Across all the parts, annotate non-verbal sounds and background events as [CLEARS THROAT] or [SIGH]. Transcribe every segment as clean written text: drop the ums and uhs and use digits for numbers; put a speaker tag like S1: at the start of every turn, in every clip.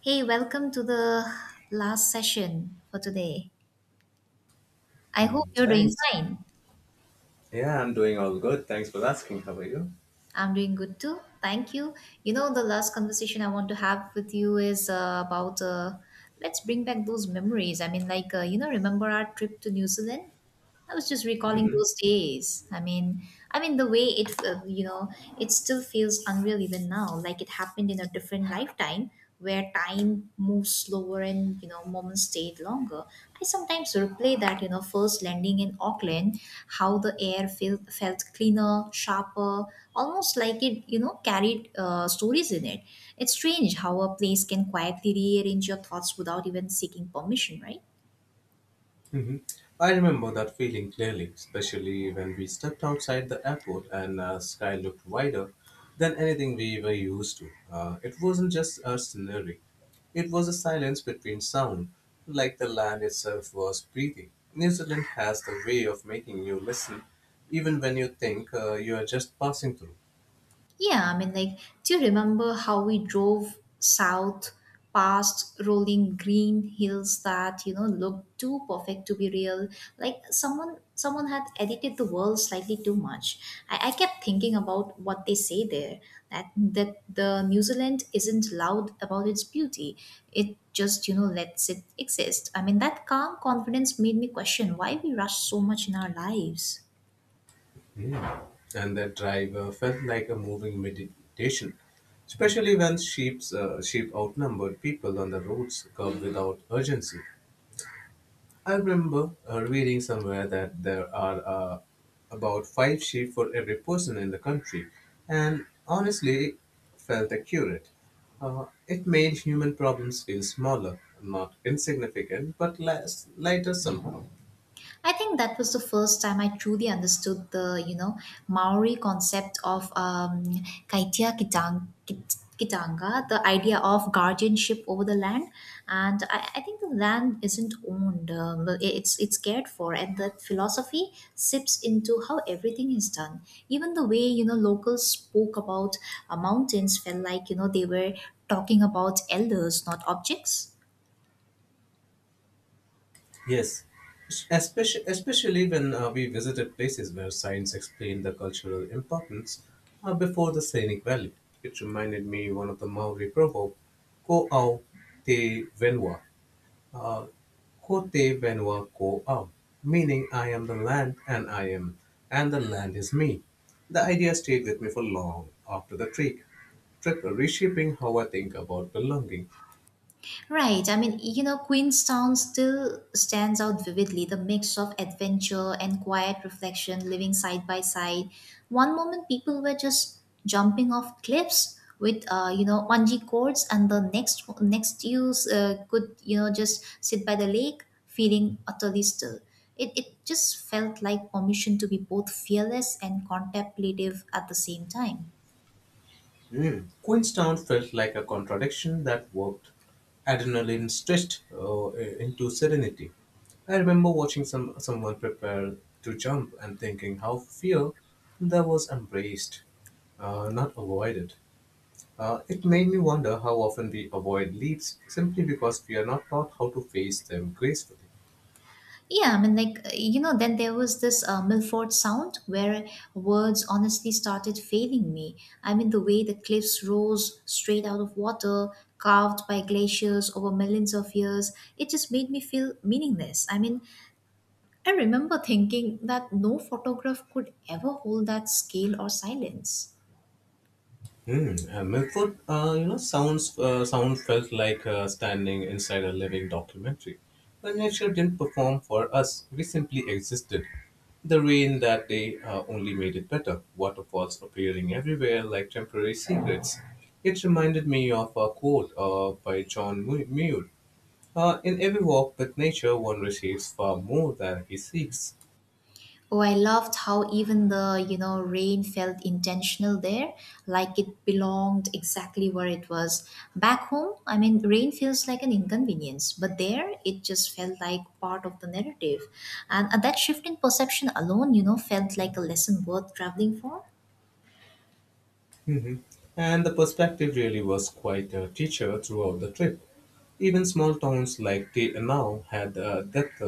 S1: Hey, welcome to the last session for today. I hope
S2: Hmm.
S1: you're doing
S2: Thanks.
S1: fine.
S2: Yeah, I'm doing all good. Thanks for asking. How are you?
S1: I'm doing good too. Thank you. You know, the last conversation I want to have with you is about let's bring back those memories. Remember our trip to New Zealand? I was just recalling
S2: Hmm.
S1: those days. I mean the way it, it still feels unreal even now. Like it happened in a different lifetime where time moves slower and moments stayed longer. I sometimes replay that first landing in Auckland, how the air felt cleaner, sharper, almost like it carried stories in it. It's strange how a place can quietly rearrange your thoughts without even seeking permission, right?
S2: Hmm. I remember that feeling clearly, especially when we stepped outside the airport and sky looked wider than anything we were used to. It wasn't just a scenery; it was a silence between sound, like the land itself was breathing. New Zealand has the way of making you listen, even when you think you are just passing through.
S1: Yeah, I mean, like, do you remember how we drove south past rolling green hills that, you know, looked too perfect to be real? Like someone had edited the world slightly too much. I kept thinking about what they say there, that the New Zealand isn't loud about its beauty. It just, you know, lets it exist. I mean, that calm confidence made me question why we rush so much in our lives.
S2: Mm. And that drive felt like a moving meditation, especially when sheep outnumbered people on the roads curved without urgency. I remember reading somewhere that there are about five sheep for every person in the country, and honestly, felt accurate. It made human problems feel smaller, not insignificant, but less lighter somehow.
S1: I think that was the first time I truly understood the, you know, Maori concept of kitanga, the idea of guardianship over the land. And I think the land isn't owned, but it's cared for. And that philosophy sips into how everything is done. Even the way, you know, locals spoke about mountains felt like, you know, they were talking about elders, not objects.
S2: Yes, especially when we visited places where science explained the cultural importance before the scenic value. It reminded me one of the Maori proverb, ko au te venua, uh, ko te venua ko au, meaning I am the land and I am, and the land is me. The idea stayed with me for long after the trip reshaping how I think about belonging.
S1: Right. I mean, you know, Queenstown still stands out vividly the mix of adventure and quiet reflection living side by side. One moment, people were just jumping off cliffs with, bungee cords, and the next you could, you know, just sit by the lake feeling utterly still. It just felt like permission to be both fearless and contemplative at the same time.
S2: Mm. Queenstown felt like a contradiction that worked. Adrenaline stretched into serenity. I remember watching someone prepare to jump and thinking how fear that was embraced, not avoided. It made me wonder how often we avoid leaps simply because we are not taught how to face them gracefully.
S1: Yeah, then there was this Milford sound where words honestly started failing me. I mean, the way the cliffs rose straight out of water, carved by glaciers over millions of years, it just made me feel meaningless. I mean, I remember thinking that no photograph could ever hold that scale or silence.
S2: Hmm. Milford Sound felt like standing inside a living documentary. But nature didn't perform for us; we simply existed. The rain that day only made it better. Waterfalls appearing everywhere like temporary secrets. It reminded me of a quote by John Muir. In every walk with nature, one receives far more than he seeks.
S1: Oh, I loved how even the, you know, rain felt intentional there, like it belonged exactly where it was. Back home, I mean, rain feels like an inconvenience, but there it just felt like part of the narrative. And that shift in perception alone, you know, felt like a lesson worth traveling for.
S2: Mhm. And the perspective really was quite a teacher throughout the trip. Even small towns like Te Anau had a depth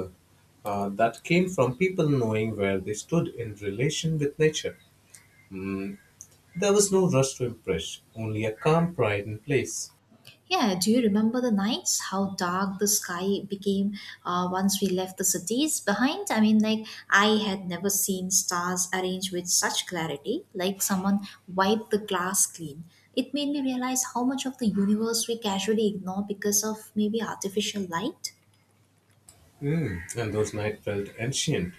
S2: that came from people knowing where they stood in relation with nature. Mm, there was no rush to impress, only a calm pride in place.
S1: Yeah, do you remember the nights? How dark the sky became once we left the cities behind? I mean, like, I had never seen stars arranged with such clarity, like someone wiped the glass clean. It made me realize how much of the universe we casually ignore because of maybe artificial light.
S2: And those nights felt ancient,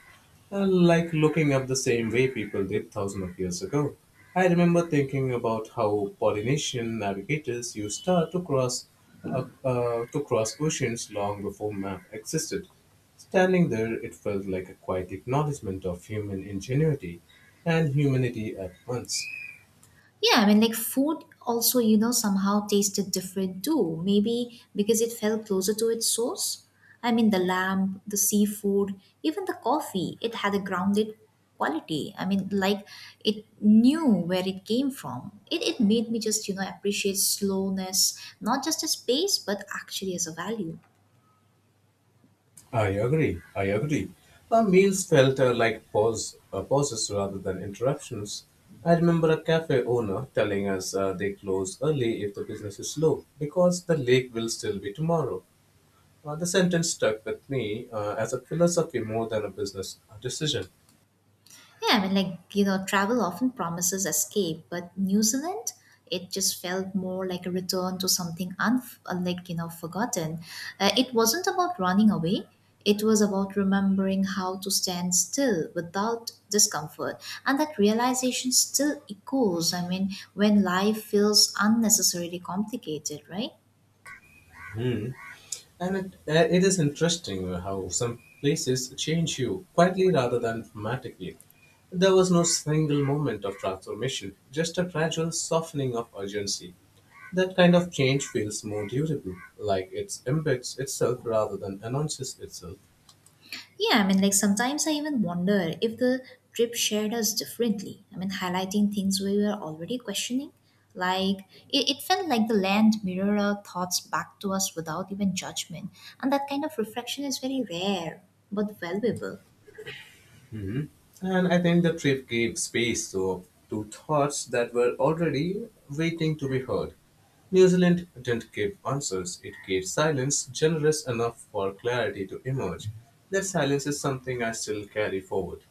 S2: like looking up the same way people did thousands of years ago. I remember thinking about how Polynesian navigators used star to cross oceans long before map existed. Standing there, it felt like a quiet acknowledgement of human ingenuity and humanity at once.
S1: Yeah, I mean, like food also, you know, somehow tasted different too. Maybe because it felt closer to its source. I mean, the lamb, the seafood, even the coffee, it had a grounded quality. I mean, like it knew where it came from. It made me just, you know, appreciate slowness, not just as space, but actually as a value.
S2: I agree. I agree. Our meals felt like pauses rather than interruptions. I remember a cafe owner telling us they close early if the business is slow because the lake will still be tomorrow. The sentence stuck with me as a philosophy more than a business decision.
S1: Yeah, I mean, like, you know, travel often promises escape, but New Zealand, it just felt more like a return to something like, you know, forgotten. It wasn't about running away. It was about remembering how to stand still without discomfort. And that realization still echoes, I mean, when life feels unnecessarily complicated, right?
S2: And it is interesting how some places change you quietly rather than dramatically. There was no single moment of transformation, just a gradual softening of urgency. That kind of change feels more durable, like it embeds itself rather than announces itself.
S1: Yeah, I mean, like sometimes I even wonder if the trip shared us differently. I mean, highlighting things we were already questioning. Like, it felt like the land mirrored our thoughts back to us without even judgment. And that kind of reflection is very rare but valuable.
S2: Mhm. And I think the trip gave space to thoughts that were already waiting to be heard. New Zealand didn't give answers, it gave silence generous enough for clarity to emerge. That silence is something I still carry forward.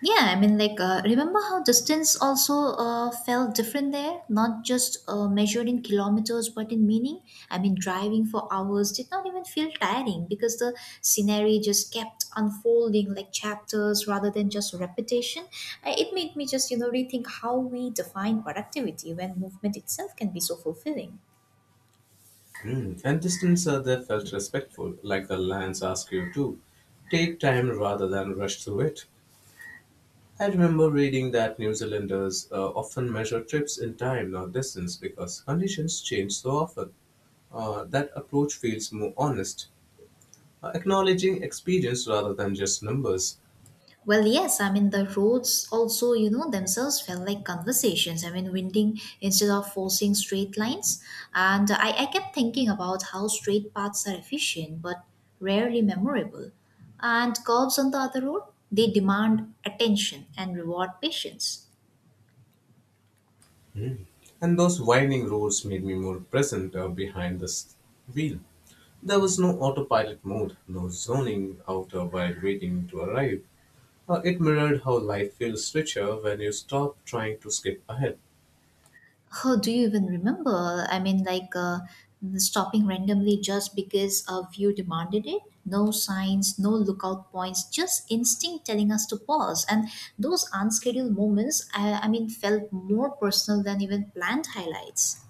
S1: Yeah, remember how distance also felt different there? Not just measured in kilometers, but in meaning. I mean, driving for hours did not even feel tiring because the scenery just kept unfolding like chapters rather than just repetition. It made me just, you know, rethink how we define productivity when movement itself can be so fulfilling.
S2: And distance there felt respectful, like the lands ask you to. Take time rather than rush through it. I remember reading that New Zealanders often measure trips in time, not distance, because conditions change so often. That approach feels more honest, acknowledging experience rather than just numbers.
S1: Well, yes, I mean, the roads also, you know, themselves felt like conversations. I mean, winding instead of forcing straight lines. And I kept thinking about how straight paths are efficient but rarely memorable. And curves on the other road, they demand attention and reward patience.
S2: Mm. And those winding roads made me more present behind the wheel. There was no autopilot mode, no zoning out while waiting to arrive. It mirrored how life feels richer when you stop trying to skip ahead.
S1: How do you even remember? I mean, like stopping randomly just because a view demanded it? No signs, no lookout points, just instinct telling us to pause. And those unscheduled moments, I mean, felt more personal than even planned highlights.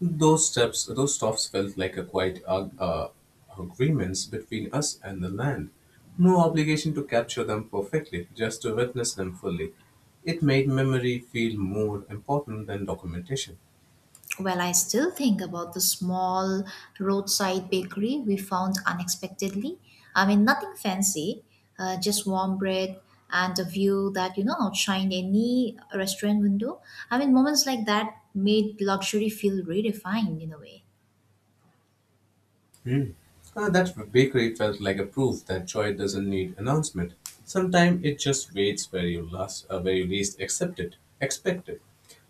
S2: Those stops felt like a quiet agreements between us and the land. No obligation to capture them perfectly, just to witness them fully. It made memory feel more important than documentation.
S1: Well, I still think about the small roadside bakery we found unexpectedly. I mean, nothing fancy, just warm bread and a view that, you know, outshined any restaurant window. I mean, moments like that made luxury feel redefined in a way.
S2: Hmm. That bakery felt like a proof that joy doesn't need announcement. Sometimes it just waits where you least expect it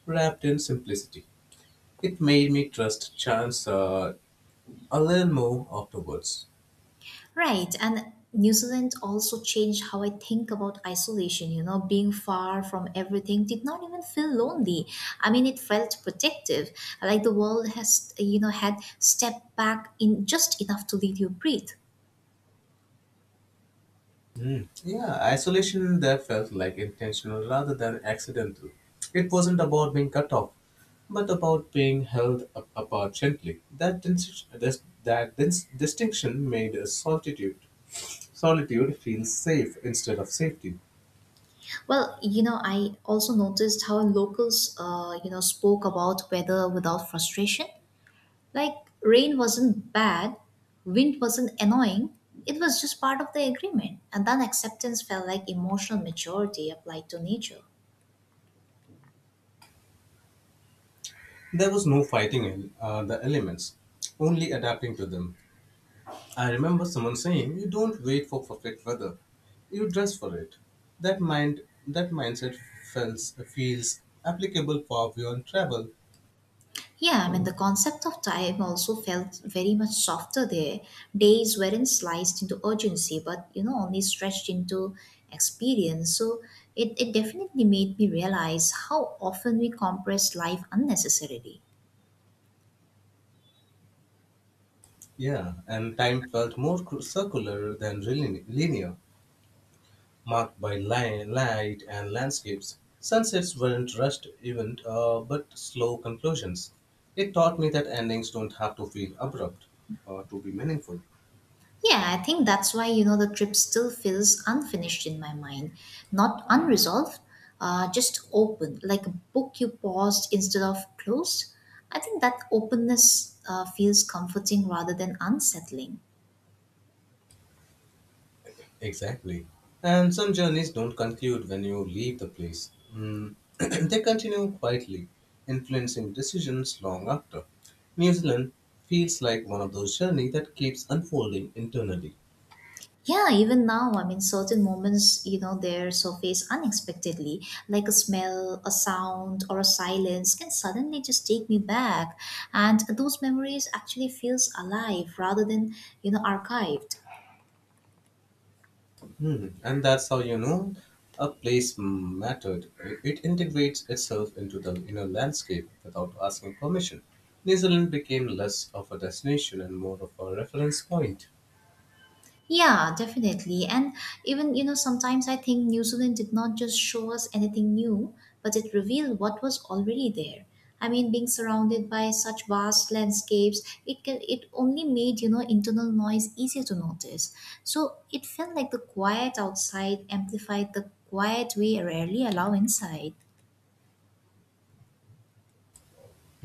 S2: wrapped in simplicity. It made me trust chance a little more afterwards.
S1: Right. And New Zealand also changed how I think about isolation. You know, being far from everything did not even feel lonely. I mean, it felt protective. Like the world has, you know, had stepped back in just enough to let you breathe.
S2: Mm. Yeah, isolation there felt like intentional rather than accidental. It wasn't about being cut off, but about being held apart gently. That, dis- this, that distinction made a solitude. Solitude feels safe instead of safety.
S1: Well, you know, I also noticed how locals, you know, spoke about weather without frustration. Like, rain wasn't bad, wind wasn't annoying, it was just part of the agreement. And then acceptance felt like emotional maturity applied to nature.
S2: There was no fighting in the elements, only adapting to them. I remember someone saying, "You don't wait for perfect weather; you dress for it." That mindset feels applicable far beyond travel.
S1: Yeah, I mean, the concept of time also felt very much softer there. Days weren't sliced into urgency, but you know, only stretched into experience. So it definitely made me realize how often we compress life unnecessarily.
S2: Yeah, and time felt more circular than really linear, marked by light and landscapes. Sunsets weren't rushed event, but slow conclusions. It taught me that endings don't have to feel abrupt to be meaningful.
S1: Yeah, I think that's why, you know, the trip still feels unfinished in my mind. Not unresolved, just open, like a book you paused instead of closed. I think that openness feels comforting rather than unsettling.
S2: Exactly. And some journeys don't conclude when you leave the place. [CLEARS THROAT] They continue quietly, influencing decisions long after. New Zealand feels like one of those journeys that keeps unfolding internally.
S1: Yeah, even now, I mean, certain moments, you know, they surface unexpectedly, like a smell, a sound, or a silence can suddenly just take me back. And those memories actually feels alive rather than, you know, archived.
S2: And that's how you know a place mattered. It integrates itself into the inner landscape without asking permission. New Zealand became less of a destination and more of a reference point.
S1: Yeah, definitely. And even, you know, sometimes I think New Zealand did not just show us anything new, but it revealed what was already there. I mean, being surrounded by such vast landscapes, it only made, you know, internal noise easier to notice. So it felt like the quiet outside amplified the quiet we rarely allow inside.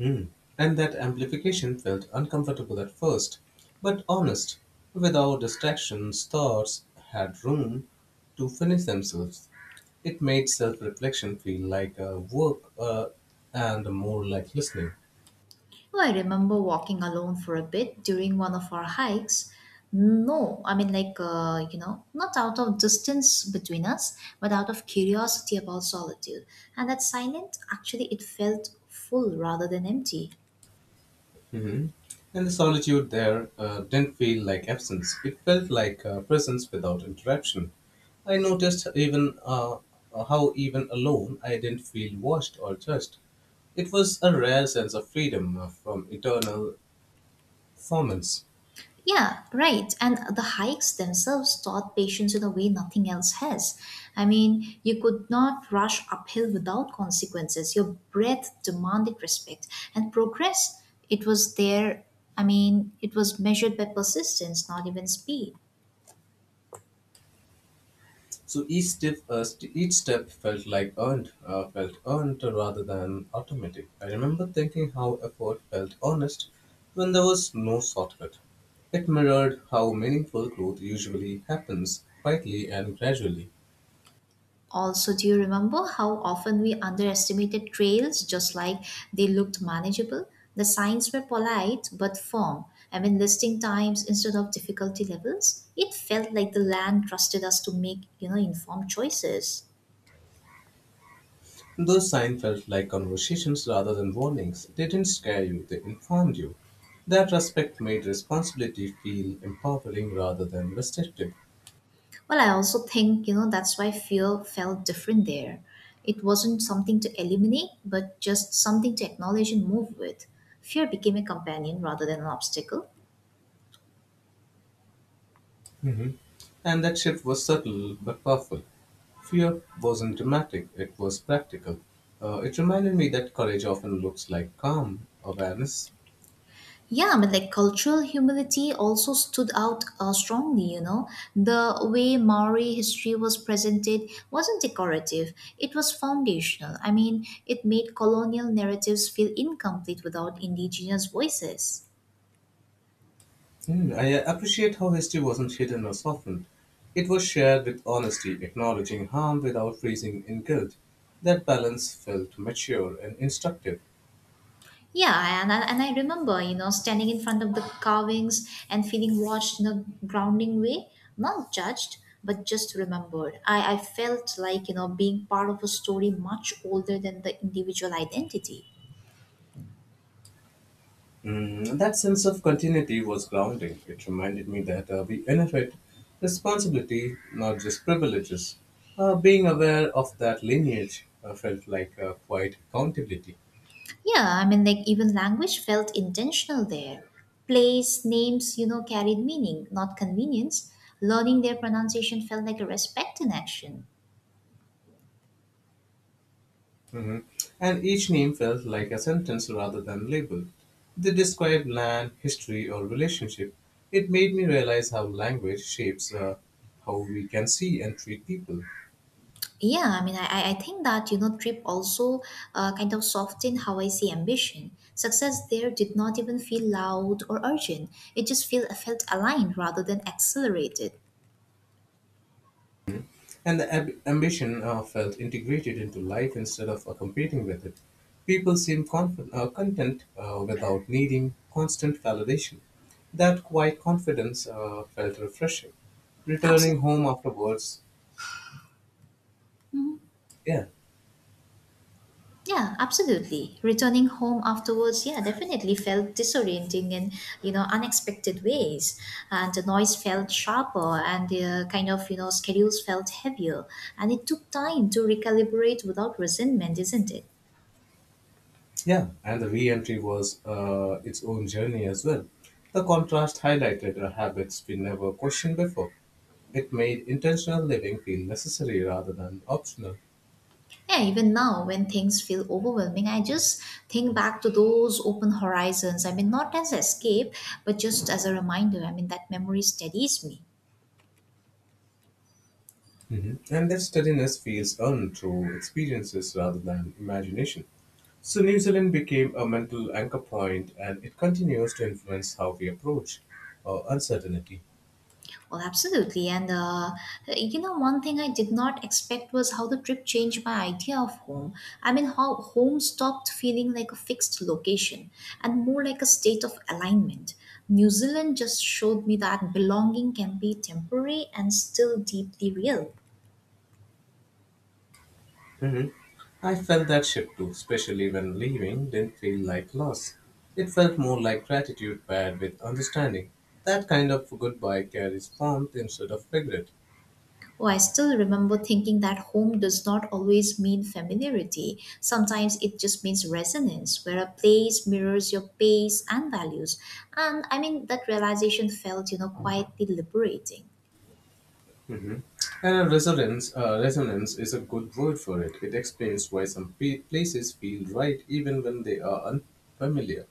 S2: Mm. And that amplification felt uncomfortable at first, but honest. Without distractions, thoughts had room to finish themselves. It made self reflection feel like a work and more like listening.
S1: Oh, I remember walking alone for a bit during one of our hikes. No, I mean, like, not out of distance between us, but out of curiosity about solitude. And that silence, actually, it felt full rather than empty.
S2: Mhm. And the solitude there didn't feel like absence, it felt like presence without interruption. I noticed even how, even alone, I didn't feel watched or judged. It was a rare sense of freedom from eternal performance.
S1: Yeah, right. And the hikes themselves taught patience in a way nothing else has. I mean, you could not rush uphill without consequences. Your breath demanded respect and progress. It was there. I mean, it was measured by persistence, not even speed.
S2: So each step felt like earned, felt earned rather than automatic. I remember thinking how effort felt honest when there was no shortcut. It mirrored how meaningful growth usually happens quietly and gradually.
S1: Also, do you remember how often we underestimated trails just like they looked manageable? The signs were polite but firm. I mean, listing times instead of difficulty levels. It felt like the land trusted us to make, you know, informed choices.
S2: Those signs felt like conversations rather than warnings. They didn't scare you, they informed you. That respect made responsibility feel empowering rather than restrictive.
S1: Well, I also think, you know, that's why fear felt different there. It wasn't something to eliminate, but just something to acknowledge and move with. Fear became a companion rather than an obstacle.
S2: Mhm. And that shift was subtle but powerful. Fear wasn't dramatic, it was practical. It reminded me that courage often looks like calm awareness.
S1: Yeah, but like cultural humility also stood out strongly, you know. The way Maori history was presented wasn't decorative, it was foundational. I mean, it made colonial narratives feel incomplete without indigenous voices.
S2: I appreciate how history wasn't hidden or softened. It was shared with honesty, acknowledging harm without freezing in guilt. That balance felt mature and instructive.
S1: Yeah, and I remember, you know, standing in front of the carvings and feeling watched in a grounding way, not judged, but just remembered. I felt like, you know, being part of a story much older than the individual identity.
S2: That sense of continuity was grounding. It reminded me that we inherit responsibility, not just privileges. Being aware of that lineage felt like a quiet accountability.
S1: Yeah, I mean, like even language felt intentional there. Place, names, you know, carried meaning, not convenience. Learning their pronunciation felt like a respect in action.
S2: Hmm. And each name felt like a sentence rather than label. They described land, history, or relationship. It made me realize how language shapes how we can see and treat people.
S1: Yeah, I mean, I think that, you know, trip also kind of softened how I see ambition. Success there did not even feel loud or urgent. It just felt aligned rather than accelerated.
S2: And the ambition felt integrated into life instead of competing with it. People seem content without needing constant validation. That quiet confidence felt refreshing. Returning
S1: Absolutely.
S2: home afterwards, yeah,
S1: Yeah, absolutely. Returning home afterwards, yeah, definitely felt disorienting in, you know, unexpected ways. And the noise felt sharper and the kind of, you know, schedules felt heavier. And it took time to recalibrate without resentment, isn't it?
S2: yeah, and the re entry was its own journey as well. The contrast highlighted habits we never questioned before. It made intentional living feel necessary rather than optional.
S1: Yeah, even now when things feel overwhelming, I just think back to those open horizons. I mean, not as escape, but just as a reminder. I mean, that memory steadies me.
S2: Mhm. And that steadiness feels earned through experiences rather than imagination. So, New Zealand became a mental anchor point and it continues to influence how we approach uncertainty.
S1: Well, absolutely. And one thing I did not expect was how the trip changed my idea of home. I mean, how home stopped feeling like a fixed location and more like a state of alignment. New Zealand just showed me that belonging can be temporary and still deeply real.
S2: Mhm. I felt that shift too, especially when leaving didn't feel like loss. It felt more like gratitude paired with understanding. That kind of goodbye carries warmth instead of regret.
S1: Oh, I still remember thinking that home does not always mean familiarity. Sometimes it just means resonance, where a place mirrors your pace and values. And I mean, that realization felt, quietly liberating.
S2: And resonance is a good word for it. It explains why some places feel right even when they are unfamiliar.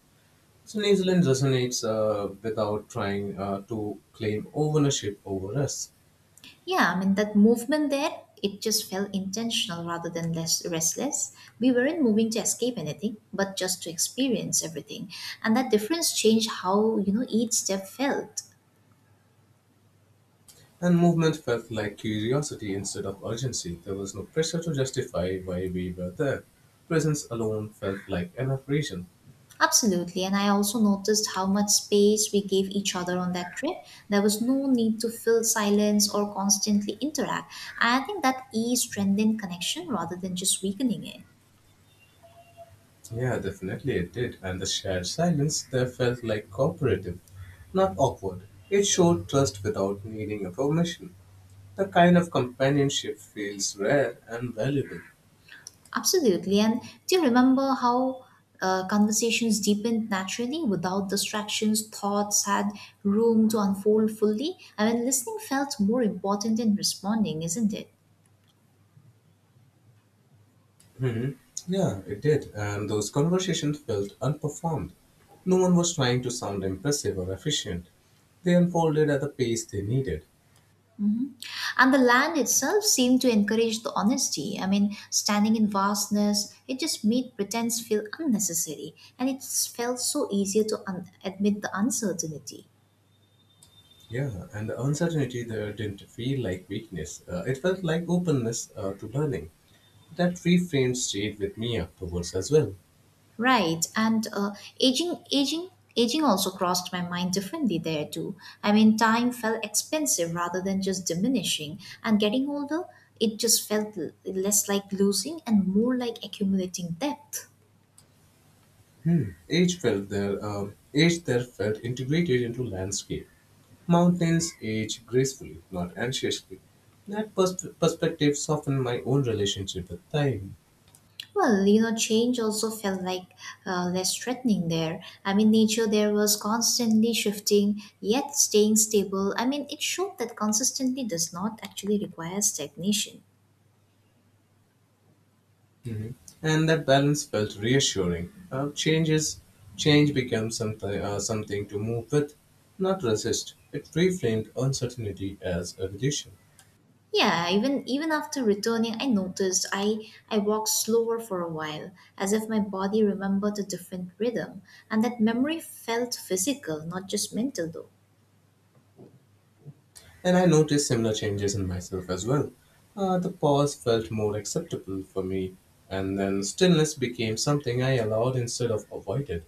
S2: So New Zealand resonates without trying to claim ownership over us.
S1: Yeah, I mean, that movement there, it just felt intentional rather than less restless. We weren't moving to escape anything, but just to experience everything. And that difference changed how, each step felt.
S2: And movement felt like curiosity instead of urgency. There was no pressure to justify why we were there. Presence alone felt like enough reason.
S1: Absolutely, and I also noticed how much space we gave each other on that trip. There was no need to fill silence or constantly interact. I think that ease strengthened connection rather than just weakening it.
S2: Yeah, definitely it did. And the shared silence there felt like cooperative, not awkward. It showed trust without needing a permission. The kind of companionship feels rare and valuable.
S1: Absolutely, and do you remember how conversations deepened naturally without distractions? Thoughts had room to unfold fully. I mean, listening felt more important than responding, isn't it?
S2: Hmm. Yeah, it did. And those conversations felt unperformed. No one was trying to sound impressive or efficient. They unfolded at the pace they needed.
S1: Mhm. And the land itself seemed to encourage the honesty. I mean, standing in vastness, it just made pretense feel unnecessary, and it felt so easier to admit the uncertainty.
S2: Yeah, and the uncertainty there didn't feel like weakness. It felt like openness to learning. That reframe stayed with me afterwards as well.
S1: Right, and aging, aging, aging also crossed my mind differently there too. I mean, time felt expensive rather than just diminishing, and getting older, it just felt less like losing and more like accumulating depth.
S2: Each there felt integrated into landscape. Mountains age gracefully, not anxiously. That perspective softened my own relationship with time.
S1: Well, you know, change also felt like less threatening there. I mean, nature there was constantly shifting, yet staying stable. I mean, it showed that consistency does not actually require stagnation.
S2: Mhm. And that balance felt reassuring. Change becomes something to move with, not resist. It reframed uncertainty as a reduction.
S1: Yeah, even after returning, I noticed I walked slower for a while, as if my body remembered a different rhythm, and that memory felt physical, not just mental though.
S2: And I noticed similar changes in myself as well. The pause felt more acceptable for me, and then stillness became something I allowed instead of avoided.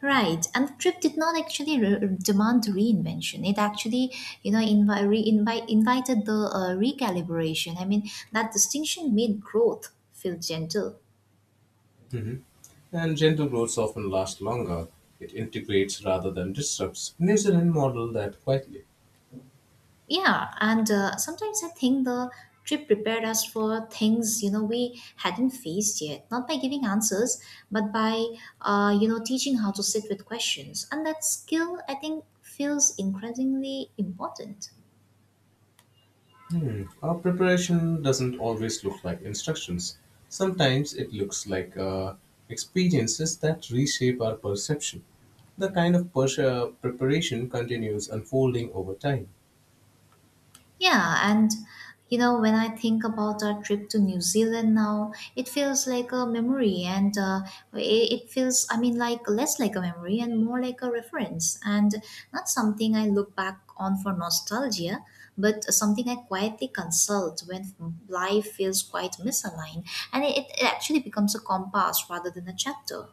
S1: Right, and the trip did not actually demand reinvention. It actually, you know, invited the recalibration. I mean, that distinction made growth feel gentle.
S2: Mhm. And gentle growths often last longer. It integrates rather than disrupts. New Zealand model that quietly.
S1: Yeah, and sometimes I think the trip prepared us for things you know we hadn't faced yet, not by giving answers, but by you know teaching how to sit with questions, and that skill I think feels increasingly important.
S2: Hmm. Our preparation doesn't always look like instructions. Sometimes it looks like experiences that reshape our perception. The kind of preparation continues unfolding over time.
S1: Yeah, and you know, when I think about our trip to New Zealand now, it feels like a memory, and it feels, I mean, like less like a memory and more like a reference, and not something I look back on for nostalgia, but something I quietly consult when life feels quite misaligned, and it actually becomes a compass rather than a chapter.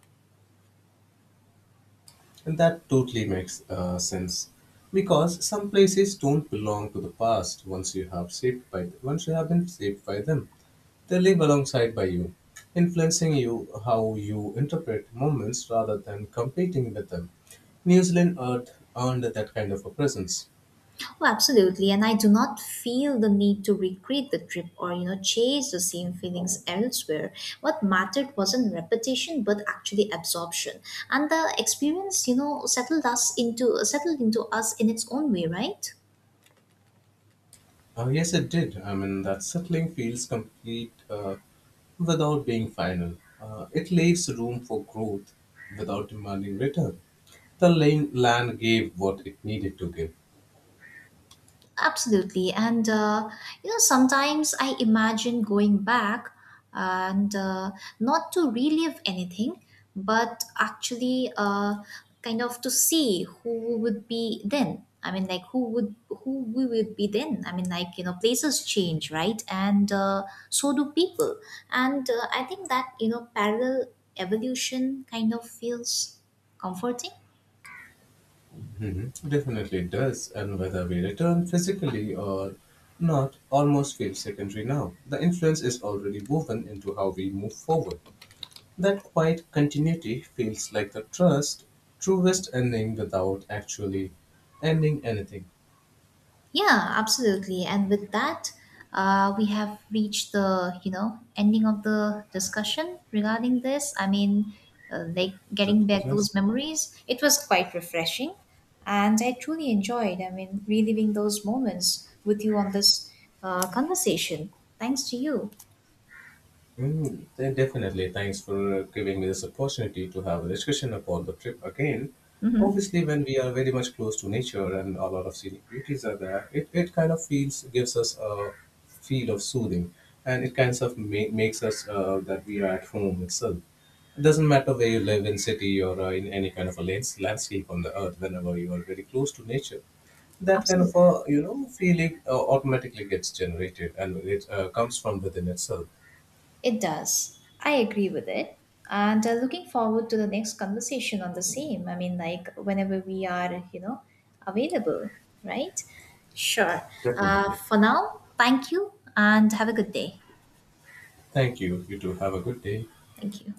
S2: And that totally makes sense because some places don't belong to the past once you have been shaped by them. They live alongside by you, influencing you how you interpret moments rather than competing with them. New Zealand earth earned that kind of a presence.
S1: Oh, absolutely. And I do not feel the need to recreate the trip or, you know, chase the same feelings elsewhere. What mattered wasn't repetition, but actually absorption. And the experience, you know, settled into us in its own way, right?
S2: Yes, it did. I mean, that settling feels complete without being final. It leaves room for growth without demanding return. The land gave what it needed to give.
S1: Absolutely. And you know, sometimes I imagine going back and not to relive anything, but actually kind of to see who would be then. I mean, like who we would be then. I mean, like you know, places change, right? And so do people. And I think that you know, parallel evolution kind of feels comforting.
S2: Mhm. Definitely it does. And whether we return physically or not almost feels secondary now. The influence is already woven into how we move forward. That quiet continuity feels like the truest ending without actually ending anything.
S1: Yeah, absolutely. And with that, we have reached the you know ending of the discussion regarding this. I mean, like
S2: Trip
S1: getting
S2: to the
S1: back
S2: next.
S1: those memories, it was quite refreshing, and I truly enjoyed. I mean, reliving those moments with you on this conversation. Thanks to you.
S2: Mm. Then definitely. Thanks for giving me this opportunity to have a discussion about the trip again.
S1: Mm-hmm.
S2: Obviously, when we are very much close to nature and a lot of scenic beauties are there, it kind of feels gives us a feel of soothing, and it kind of makes us that we are at home itself. It doesn't matter where you live in city or in any kind of a landscape on the earth. Whenever you are very close to nature, that kind
S1: Absolutely.
S2: of a feeling automatically gets generated and it comes from within itself.
S1: It does. I agree with it. And looking forward to the next conversation on the same. I mean, like whenever we are, you know, available, right? Sure. Uh,
S2: Definitely.
S1: for now, thank you and have a good day.
S2: Thank you. You too. Have a good day.
S1: Thank you.